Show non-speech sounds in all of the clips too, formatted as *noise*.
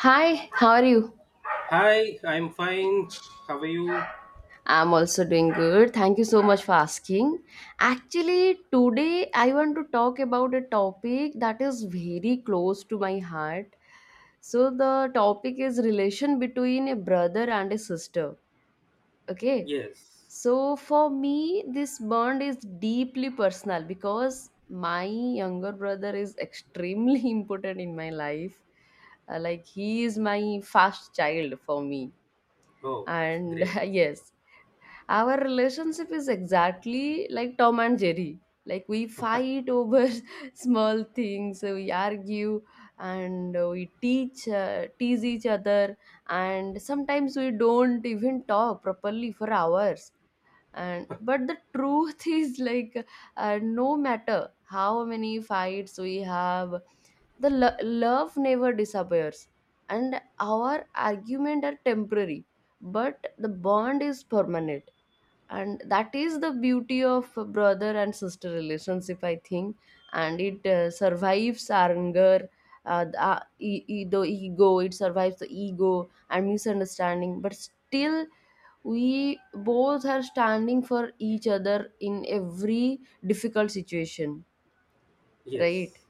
Hi, how are you? Hi, I'm fine. How are you? I'm also doing good. Thank you so much for asking. Actually, today I want to talk about a topic that is very close to my heart. So the topic is relation between a brother and a sister. Okay? Yes. So for me, this bond is deeply personal because my younger brother is extremely *laughs* important in my life. Like he is my first child for me, Oh, and great. *laughs* yes, our relationship is exactly like Tom and Jerry. Like we fight over *laughs* small things, we argue, and we teach tease each other, and sometimes we don't even talk properly for hours. And but the truth *laughs* is like no matter how many fights we have, the love never disappears, and our argument are temporary, but the bond is permanent, and that is the beauty of brother and sister relationship, I think. And it survives our anger, the ego. It survives the ego and misunderstanding, but still we both are standing for each other in every difficult situation, right? Yes.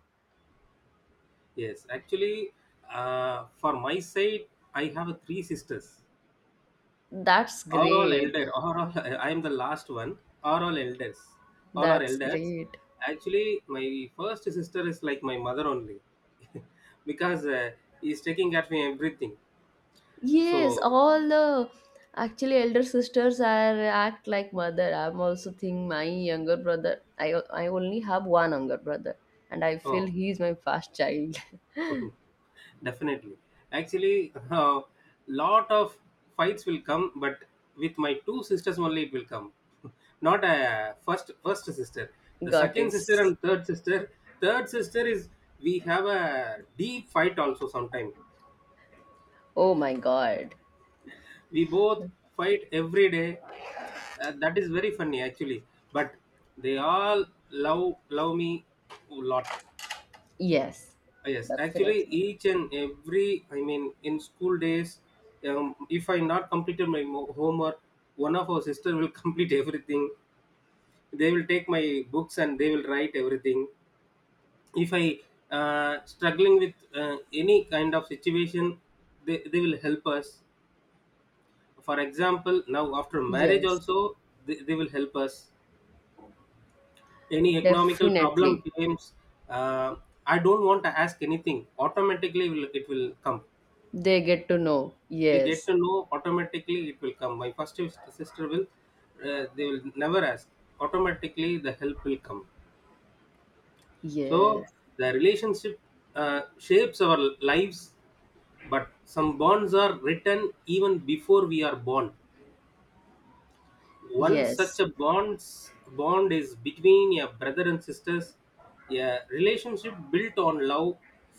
Yes. Actually, for my side, I have three sisters. That's Are all great. elder. Are all, *laughs* I am the last one. Are all elders. All are That's elders. great. Actually, my first sister is like my mother only, *laughs* because he's taking care of me everything. Yes, So, all the Actually, elder sisters are act like mother. I'm also think my younger brother. I only have one younger brother, and I feel oh, he is my first child. *laughs* Definitely. Actually, *laughs* lot of fights will come, but with my two sisters only it will come. *laughs* Not a first sister. The Got second it. sister and third sister. Third sister is we have a deep fight also sometime. Oh my God. *laughs* We both fight every day. That is very funny actually. But they all love me a lot. Yes, Yes, actually, definitely. each and every, I mean, in school days, if I not completed my homework, one of our sister will *laughs* complete everything. They will take my books and they will write everything. If I struggling with any kind of situation, they will help us. For example, now after marriage Yes, also, they will help us. Any economical problem definitely. comes, uh, I don't want to ask anything. Automatically, it will come. They get to know. They get Yes, to know automatically it will come. My first sister will, they will never ask, automatically the help will come. So yes, the relationship shapes our lives, but some bonds are written even before we are born. One such yes, a bond is between a brother and sisters, a relationship built on love,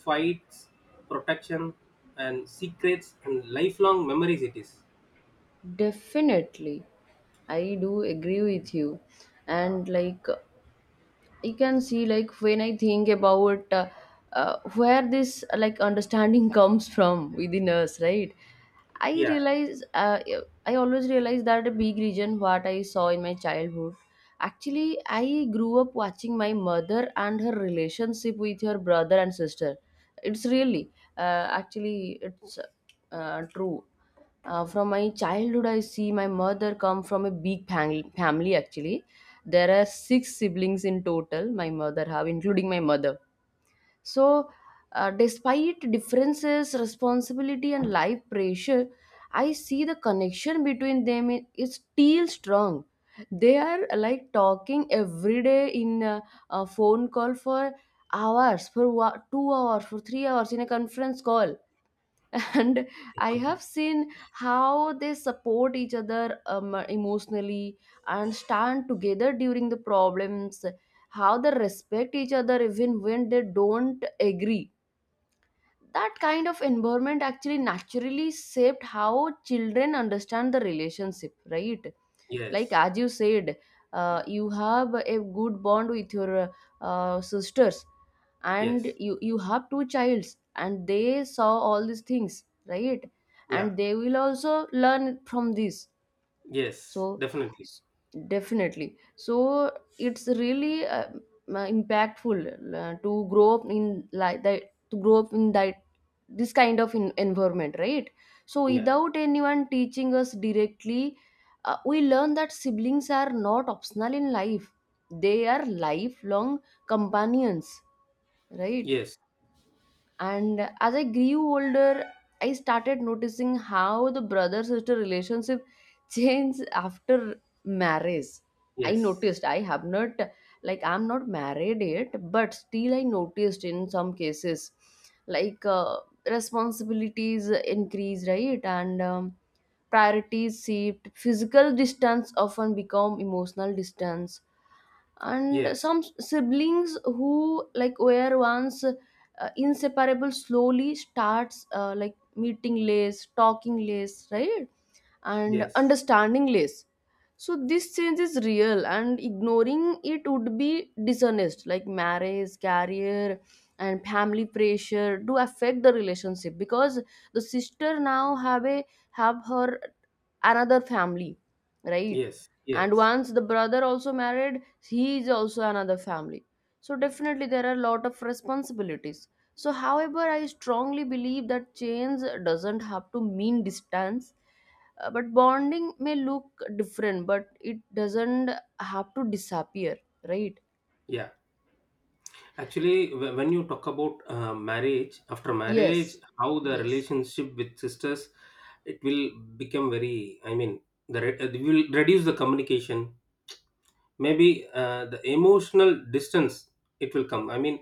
fights, protection, and secrets and lifelong memories it is. definitely. I do agree with you. And like you can see, like, when I think about where this like understanding *laughs* comes from within us, right? i Yeah. realize uh, I always realize that a big reason what I saw in my childhood. Actually, I grew up watching my mother and her relationship with her brother and sister. It's really actually it's true. From my childhood, I see my mother come from a big family. Actually, there are six siblings in total, my mother have, including my mother. So, despite differences, responsibility, and life pressure, I see the connection between them is still strong. They are like talking every day in a phone call for hours, for 2 hours, for 3 hours in a conference call. And I have seen how they support each other, emotionally, and stand together during the problems, how they respect each other even when they don't agree. That kind of environment actually naturally shaped how children understand the relationship, right? Like, Yes. as you said, you have a good bond with your sisters, and Yes. you have two childs, and they saw all these things, right? Yeah. And they will also learn from this. Yes. So, Definitely. s- definitely. So it's really impactful to grow up in like that to grow up in that this kind of environment, right? So Yeah. without anyone teaching us directly, we learn that siblings are not optional in life. They are lifelong companions, right? Yes. And as I grew older, I started noticing how the brother sister relationship *laughs* changed after marriage. I Yes. noticed I have not, like, I'm not married yet, but still I noticed in some cases, like, responsibilities increase, right? And priorities shift, physical distance often become emotional distance, and Yes. some siblings who, like, were once inseparable slowly starts like meeting less, talking less, right? And Yes. understanding less. So this change is real, and ignoring it would be dishonest. Like marriage, career, and family pressure do affect the relationship, because the sister now have her another family, right? Yes. And Yes. once the brother also married, he is also another family. So definitely there are a lot of responsibilities. So however, I strongly believe that change doesn't have to mean distance. But bonding may look different, but it doesn't have to disappear, right? Yeah. Actually, when you talk about marriage, after marriage, Yes, how the yes, relationship with sisters, it will become very. I mean, the it will reduce the communication, maybe the emotional distance it will come. I mean,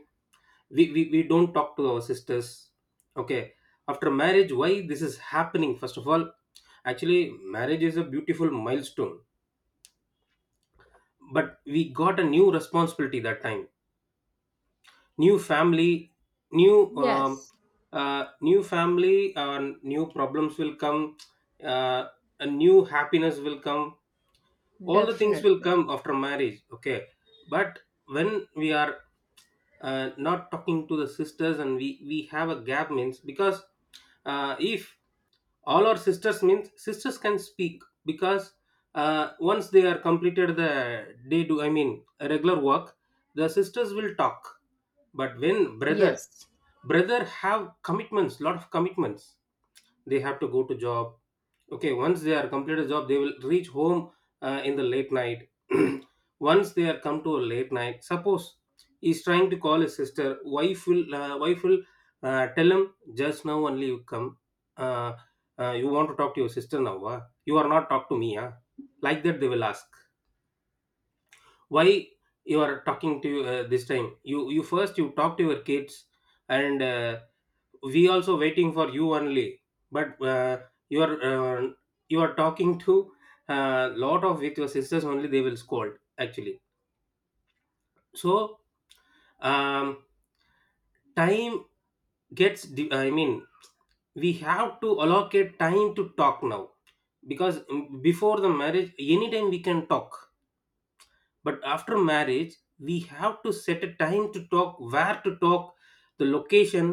we don't talk to our sisters, okay, after marriage. Why this is happening? First of all, actually, marriage is a beautiful milestone, but we got a new responsibility that time, new family, new yes, new family, new problems will come, uh, a new happiness will come, all the things will definitely. come after marriage, okay. But when we are not talking to the sisters and we have a gap means, because if all our sisters means sisters can speak, because once they are completed the day do, I mean regular work, the sisters will talk. But when brother, Yes, brother have commitments, lot of commitments, they have to go to job. Okay, once they are completed job they will reach home, in the late night. *clears throat* Once they are come to a late night, suppose he's trying to call his sister, wife will, wife will, tell him, just now only you come, uh, you want to talk to your sister now, ah? You are not talk to me, huh? Like that they will ask, why you are talking to, this time you first you talk to your kids, and we also waiting for you only, but you are uh, you are talking to, lot of with your sisters only, they will scold actually. So, um, time gets I mean, we have to allocate time to talk now, because before the marriage anytime we can talk, but after marriage we have to set a time to talk, where to talk, the location,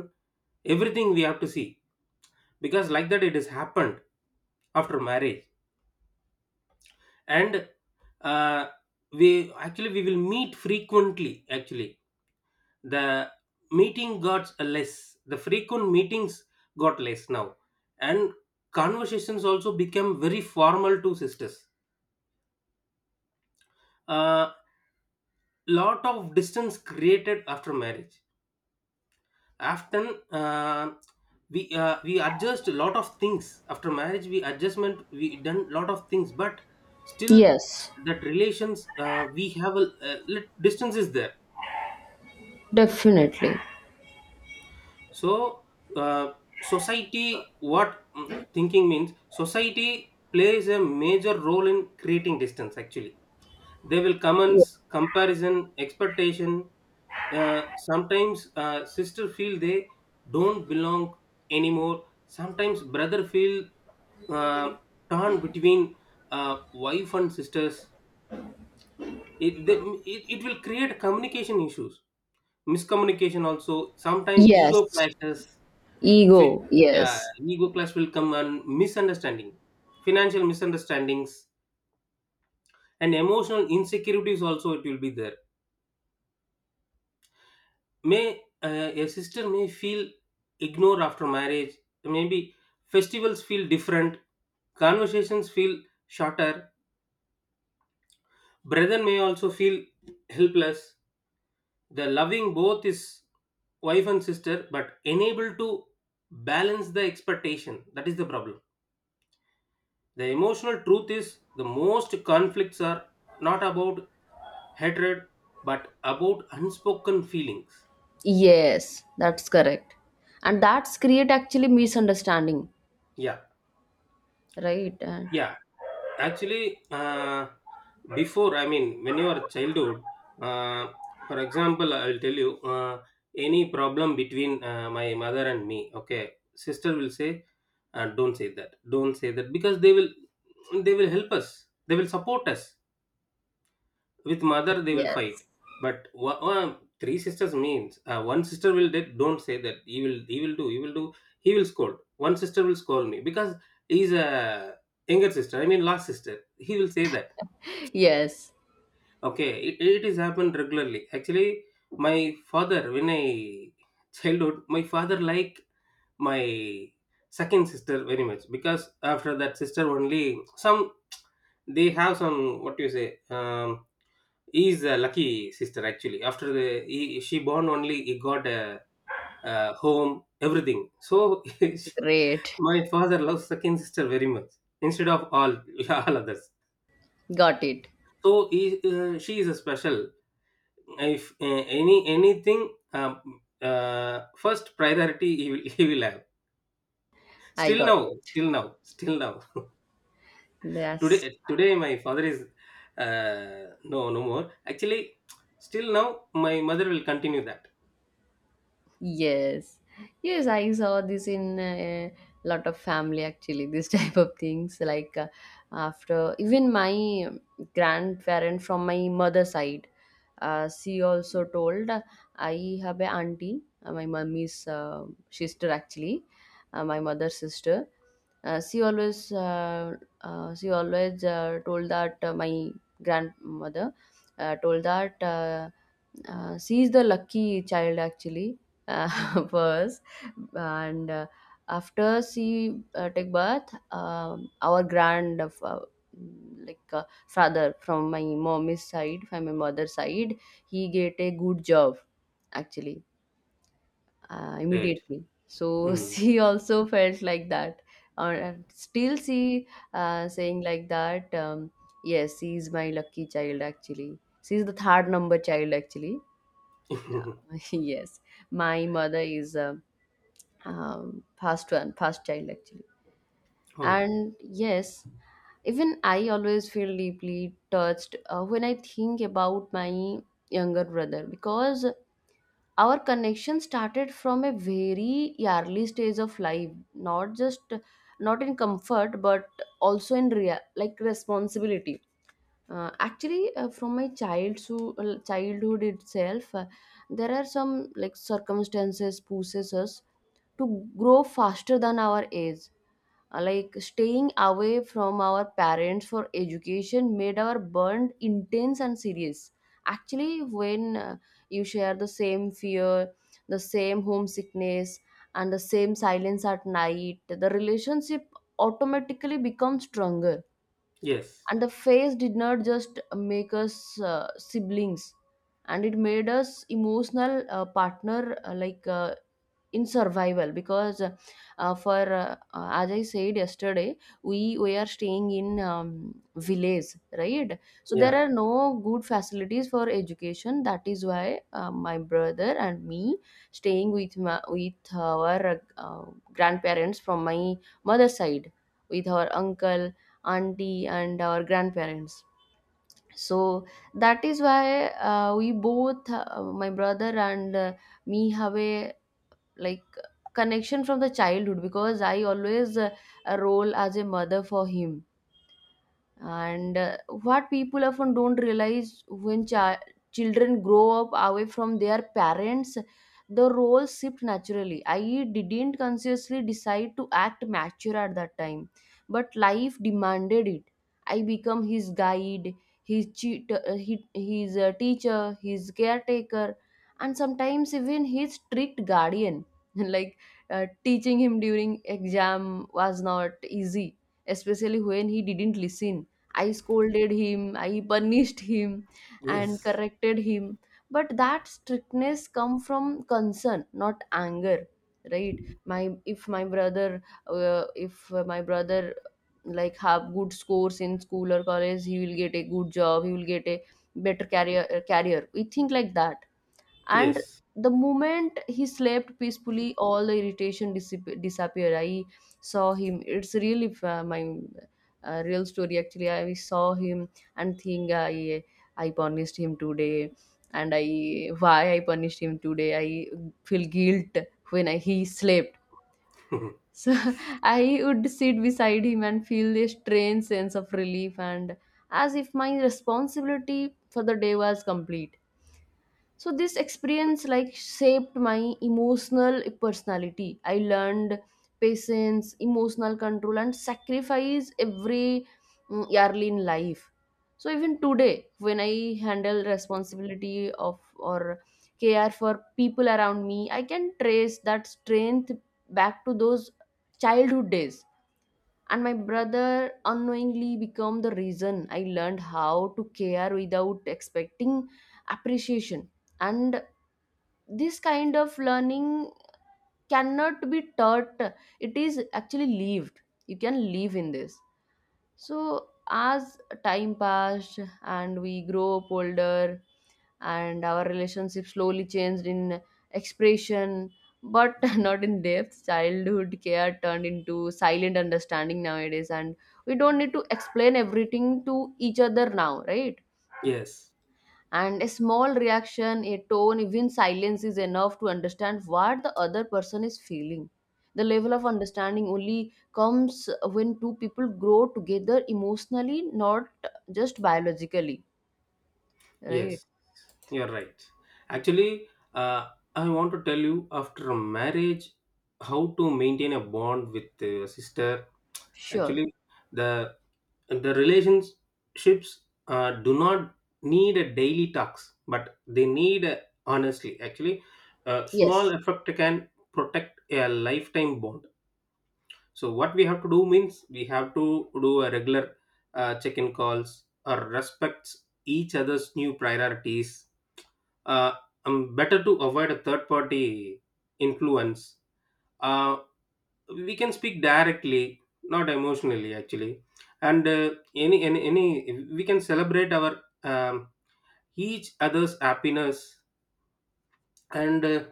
everything we have to see, because like that it has happened after marriage. And uh, we, actually we will meet frequently actually, the meeting got less, the frequent meetings got less now. And conversations also became very formal to sisters. A lot of distance created after marriage often, uh, we adjust a lot of things after marriage, we adjustment we done lot of things, but still yes, that relations, we have a distance is there. definitely. So, uh, society what, thinking means, society plays a major role in creating distance actually. They will Ye- commence comparison, expectation, sometimes sister feel they don't belong anymore, sometimes brother feel uh, torn between wife and sisters. It will create communication issues, miscommunication also, sometimes ego Yes, clashes. Fi- ego. yeah, Yes, ego clash will come and misunderstanding, financial misunderstandings, and emotional insecurities also it will be there. May A sister may feel ignored after marriage. Maybe festivals feel different, conversations feel shorter. Brother may also feel helpless. The loving both is wife and sister, but unable to balance the expectation. That is the problem. The emotional truth is the most conflicts are not about hatred but about unspoken feelings. yes, that's correct. And that's create actually misunderstanding, Yeah, right? And yeah. Actually, before, I mean, when you are childhood, uh, for example, I will tell you, any problem between my mother and me, okay, sister will say, don't say that, don't say that, because they will help us, they will support us, with mother they will fight. yes, But one, three sisters means, one sister will don't say that, he will do he will do, he will scold, one sister will scold me because he's a younger sister, I mean last sister, he will say that. *laughs* yes, Okay, it is happened regularly actually. My father, when I childhood, my father like my second sister very much, because after that sister only, some they have some, what you say, he is a lucky sister actually. After the he, she born only, he got a home, everything. So *laughs* great. my father loves second sister very much instead of all *laughs* all others. Got it. So he, she is a special. If anything, first priority he will, *laughs* he will have. I Still got now, it. still now, still now. Yes. Today today my father is no no more. Actually, still now my mother will continue that. Yes, yes, I saw this in a lot of family actually. This *laughs* type of things, like, after even my grandparent from my mother's side, she also told, I have a auntie, my mummy's sister actually, my mother's sister. Uh, she always uh, she always told that my grandmother told that she is the lucky child actually, *laughs* was. And after she take birth, our like father from my mother's side, he get a good job actually, Great. immediately. So *laughs* Mm. she also felt like that. Still she saying like that, yes, she is my lucky child actually. She is the third number child actually. uh, *laughs* *laughs* yes, my mother is past child actually. Oh, And yes, even I always feel deeply touched when I think about my younger brother, because our connection started from a very early stage of life, not in comfort, but also in like responsibility. Actually, from my childhood itself, there are some like circumstances pushes us to grow faster than our age. Like staying away from our parents for education made our bond intense and serious. Actually, when you share the same fear, the same homesickness, and the same silence at night, the relationship automatically becomes stronger. yes. And the phase did not just make us siblings, and it made us emotional partner, in survival, because for as I said yesterday, we are staying in village, right? So there Yeah. are no good facilities for education. That is why my brother and me staying with with our grandparents from my mother's side, with our uncle, auntie, and our grandparents. So that is why we both, my brother and me, have a like connection from the childhood, because I always a role as a mother for him. And what people often don't realize, when children grow up away from their parents, the roles shift naturally. I didn't consciously decide to act mature at that time, but life demanded it. I become his guide, his teacher, his caretaker, and sometimes even his strict guardian. *laughs* Like, teaching him during exam was not easy, especially when he didn't listen. I scolded him, I punished him, and Yes. corrected him. But that strictness come from concern, not anger, right? My If my brother, like have good scores in school or college, he will get a good job, he will get a better career. Career, we think like that. And Yes. the moment he slept peacefully, all the irritation disappeared. I saw him. It's really my real story actually. I saw him and think, I punished him today, and I, why I punished him today, I feel guilt when he slept. *laughs* So *laughs* I would sit beside him and feel a strange sense of relief, and as if my responsibility for the day was complete. So this experience like shaped my emotional personality. I learned patience, emotional control, and sacrifice early in life. So even today when I handle responsibility of or care for people around me, I can trace that strength back to those childhood days. And my brother unknowingly became the reason I learned how to care without expecting appreciation. And this kind of learning cannot be taught. It is actually lived. You can live in this. So as time passed and we grow up older, and our relationship slowly changed in expression, but *laughs* not in depth. Childhood care turned into silent understanding nowadays, and we don't need to explain everything to each other now, right? yes. And a small reaction, a tone, even silence is enough to understand what the other person is feeling. The level of understanding only comes when two people grow together emotionally, not just biologically, right? Yes. You're right. Actually, uh, I want to tell you after marriage how to maintain a bond with a sister. Sure. Actually, the the relationships do not need a daily talks, but they need a, honestly. Actually, small Yes. effort can protect a lifetime bond. So what we have to do means, we have to do a regular check-in calls or respects each other's new priorities. Uh, better to avoid a third-party influence. Uh, we can speak directly, not emotionally, actually. And any we can celebrate our, each other's happiness. And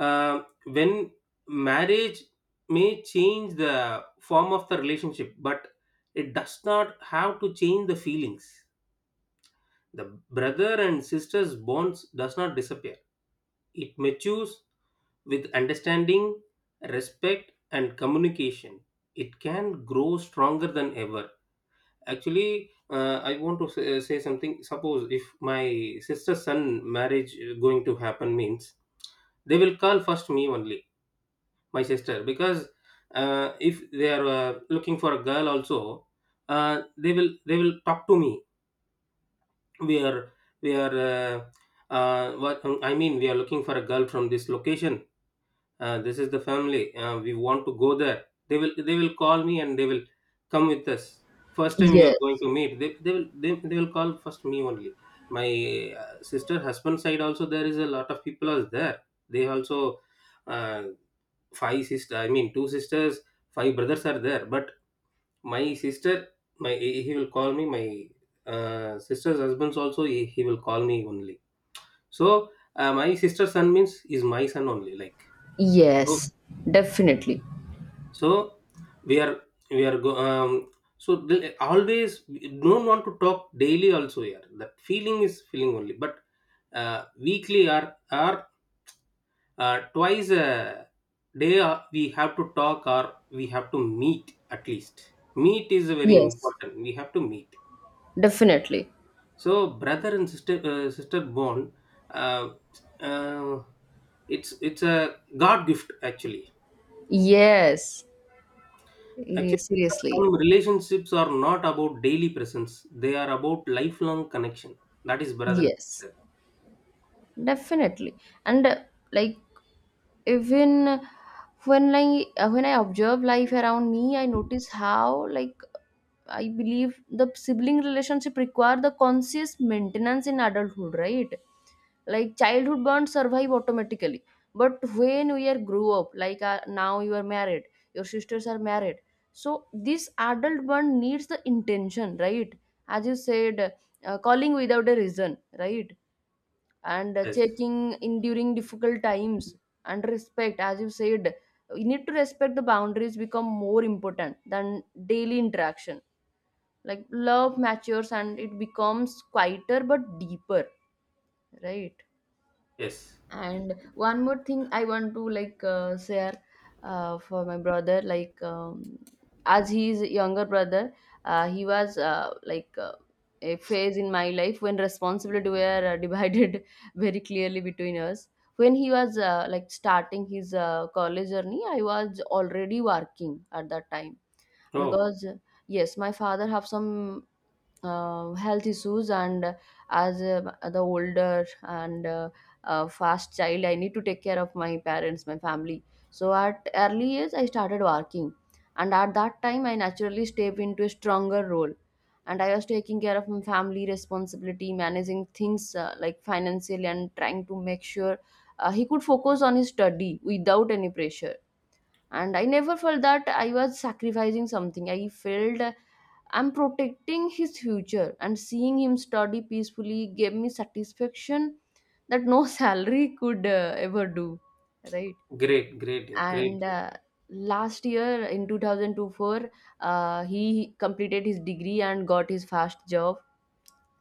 when marriage may change the form of the relationship, but it does not have to change the feelings. The brother and sisters bonds does not disappear, it matures with understanding, respect and communication. It can grow stronger than ever. Actually, I want to say, say something. Suppose if my sister's son marriage going to happen means, they will call first me only, my sister, because if they are looking for a girl also, they will talk to me. We are we are what I mean, we are looking for a girl from this location, this is the family, we want to go there, they will call me and they will come with us. First time we are Yes, going to meet, they will call first me only. My sister husband side also there is a lot of people are there. They also uh, five sister, I mean two sisters, five brothers are there, but my sister, my he will call me. My sister's husband's also, he will call me only. So my sister's son means is my son only, like. So yes, definitely. so we are we are go, um so the, always we don't want to talk daily also here, that feeling is feeling only. But uh, weekly or or twice a day, we have to talk or we have to meet at least. Meet is very Yes, important, we have to meet. definitely. So brother and sister bond, uh, uh, it's a god gift actually. Yes, it Actually is seriously. some relationships are not about daily presence, they are about lifelong connection. That is brother and Yes, sister. definitely. And like, even when I observe life around me, I notice how, like, I believe the sibling relationship require the conscious maintenance in adulthood, right? Like childhood bonds survive automatically, but when we are grow up, like, now you are married, your sisters are married, so this adult bond needs the intention, right? As you said, calling without a reason, right? And Yes. checking in during difficult times, and respect, as you said, you need to respect the boundaries become more important than daily interaction. Like love matures and it becomes quieter but deeper, right? Yes. And one more thing I want to, like, share. For my brother, like, as he is younger brother, he was a phase in my life when responsibility were *laughs* divided very clearly between us. When he was like starting his college journey, I was already working at that time Oh, because yes, my father have some health issues, and as the older and fast child, I need to take care of my parents, my family. So at early age I started working, and at that time I naturally stepped into a stronger role, and I was taking care of my family responsibility, managing things like financially, and trying to make sure he could focus on his study without any pressure. And I never felt that I was sacrificing something. I felt I'm protecting his future, and seeing him study peacefully gave me satisfaction that no *laughs* salary could ever do, right? great. Great. Great. And Last year in 2024, he completed his degree and got his first job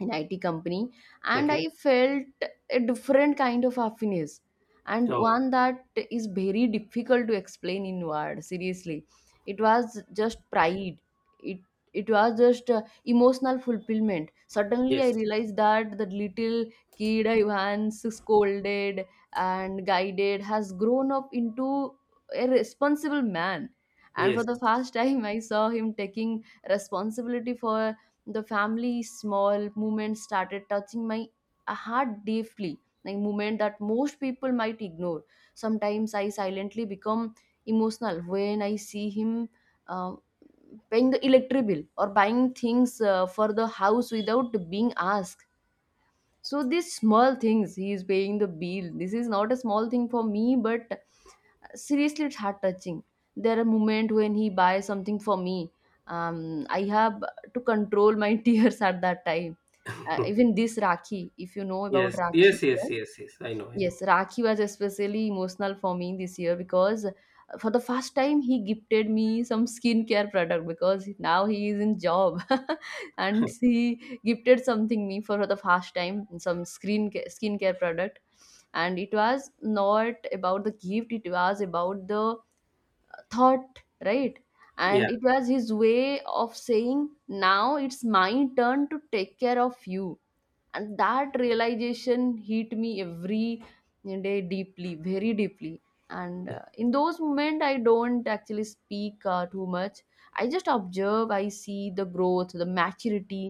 in IT company, and Okay. I felt a different kind of happiness, and Oh, one that is very difficult to explain in words, seriously. It was just pride. It It was just emotional fulfillment. Suddenly yes. I realized that the little kid I once scolded and guided has grown up into a responsible man. And for Yes. the first *laughs* time I saw him taking responsibility for the family's small movement started touching my heart deeply, like movement that most people might ignore. Sometimes I silently become emotional when I see him uh, paying the electric bill or buying things for the house without being asked. So these small things, he is paying the bill, this is not a small thing for me, but seriously, it's heart touching. There are moments when he buys something for me. I have to control my *laughs* tears at that time. *laughs* Even this rakhi, if you know Yes, about rakhi, yes, yes, right? yes, yes. I know, I know. Yes, Rakhi was especially emotional for me this year because for the first time he gifted me some skincare product, because now he is in job. *laughs* And he gifted something me for the first time, some skincare product. And it was not about the gift, it was about the thought, right? Yeah, And it was his way of saying, now it's my turn to take care of you. And that realization hit me every day, deeply, very deeply. And in those moments I don't actually speak too much. I just observe, I see the growth, the maturity,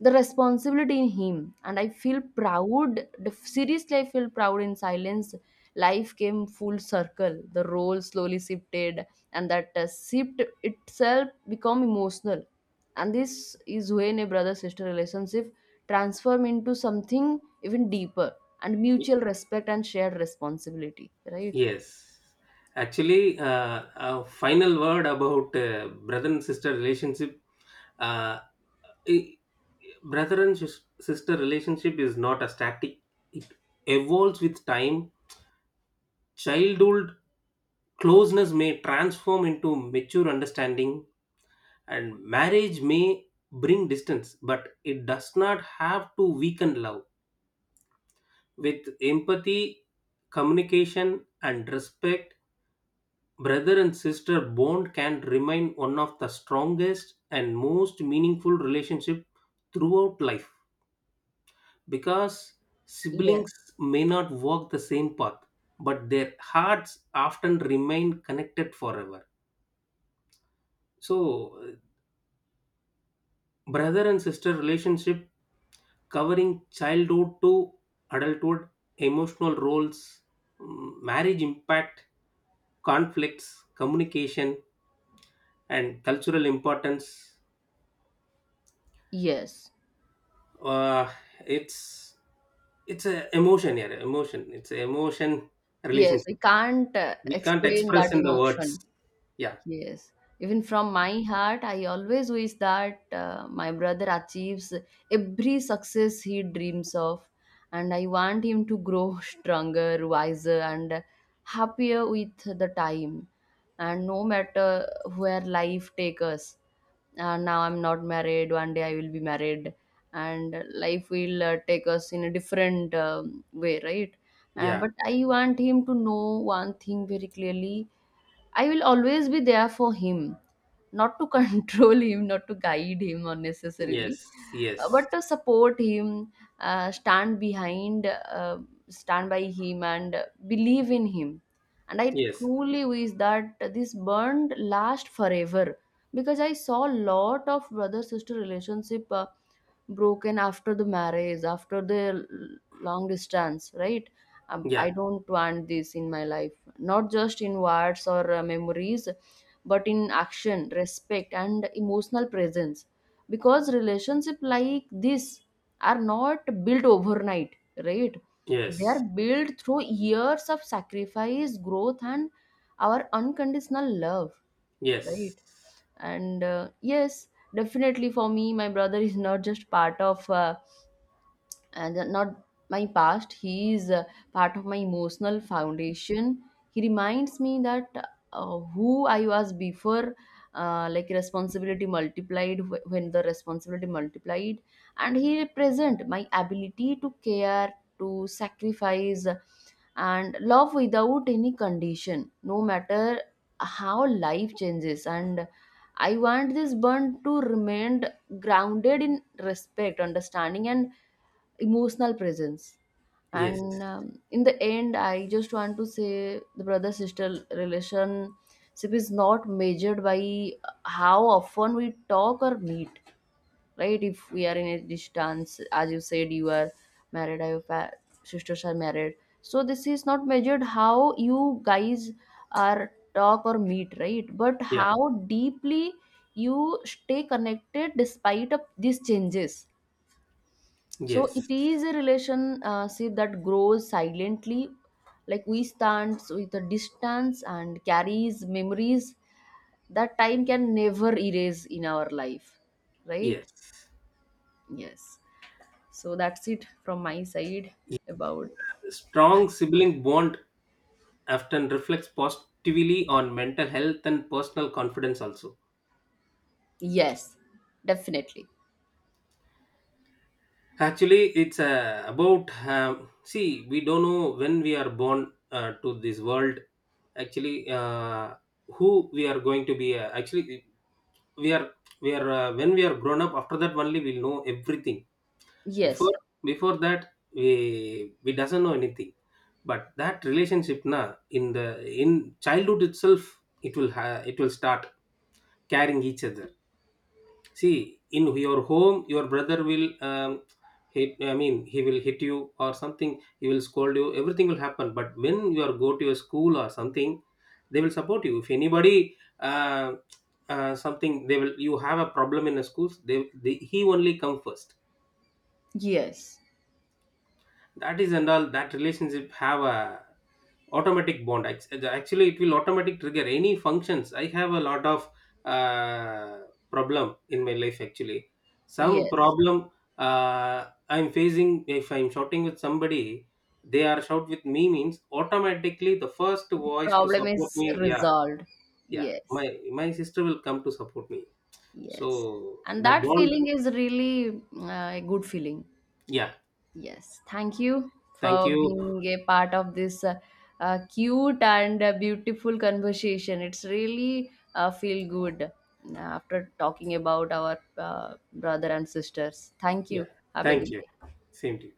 the responsibility in him, and I feel proud. The seriously, I feel proud in silence. Life came full circle, the role slowly shifted, and that shift itself become emotional. And this is when a brother sister relationship transform into something even deeper, and y- mutual respect and shared responsibility, right? yes. Actually, a final word about brother and sister relationship. Uh, I- brother and sister relationship is not a static. It evolves with time. Childhood closeness may transform into mature understanding, and marriage may bring distance, but it does not have to weaken love. With empathy, communication, and respect, brother and sister bond can remain one of the strongest and most meaningful relationship throughout life, because Yes, siblings may not walk the same path, but their hearts often remain connected forever. So brother and sister relationship, covering childhood to adulthood, emotional roles, marriage impact, conflicts, communication, and cultural importance, yes, uh, it's a emotion here, emotion, it's a emotion yes, we relationship. can't We can't explain that express in the words. emotion. Yeah. Yes, even from my heart, I always wish that my brother achieves every success he dreams of, and I want him to grow *laughs* stronger, wiser, and happier with the time. And no matter where life takes us, now I'm not married, one day I will be married, and life will take us in a different way, right? Yeah. But I want him to know one thing very clearly. I will always be there for him, not to *laughs* control him, not to guide him unnecessarily, Yes. Yes. but to support him, stand behind, stand by him, and believe in him. And I Yes. truly wish that this bond last forever, because I saw a lot of brother sister relationship broken after the marriage, after the long distance, right? Yeah. I don't want this in my life, not just in words or memories, but in action, respect, and emotional presence. Because relationships like this are not built overnight, right? They are Yes. built through years of sacrifice, growth, and our unconditional love, right? Yes. And Yes, definitely, for me, my brother is not just part of. And not my past, he is part of my emotional foundation. He reminds me that who I was before, like responsibility multiplied, when the responsibility multiplied. And he represent my ability to care, to sacrifice, and love without any condition, no matter how life changes. And I want this bond to remain grounded in respect, understanding, and emotional presence. Yes. And in the end, I just want to say the brother sister relationship is not measured by how often we talk or meet, right? If we are in a distance, as you said, you are married or your sisters are married, so this is not measured how you guys are talk or meet, right? But Yeah. how deeply you stay connected despite of these changes. So it Yes. is a relation, see, that grows silently. Like we stand with a distance and carries memories that time can never erase in our life. Right? Yes. Yes. So that's it from my side about. Strong sibling bond often reflects positively on mental health and personal confidence also. Yes, definitely. Actually, it's about, see we don't know when we are born to this world. Actually, who we are going to be. Actually, we are we are when we are grown up. After that, only we'll know everything. Before Yes, Before that, we doesn't know anything. But that relationship na in the in childhood itself, it will it will start carrying each other. See, in your home your brother will hit I mean he will hit you or something, he will scold you, everything will happen. But when you are go to your school or something, they will support you. If anybody something, they will, you have a problem in the schools, they he only come first. yes, That is, and all that relationship have a automatic bond. Ac- actually it will automatic trigger any functions. I have a lot of uh, problem in my life actually, some yes. problem, uh, I'm facing. If I'm shouting with somebody, they are shout with me means, automatically the first The voice to problem support is me. Yeah. resolved. Yeah. Yes, my my sister will come to support me. yes. So And that that bond. feeling is really a good feeling. Yeah. Yes, thank you Thank for you. being a part of this cute and beautiful conversation. It's really feel good after talking about our brother and sisters. Thank Yeah. you. Have a Thank good you. day. Same to you.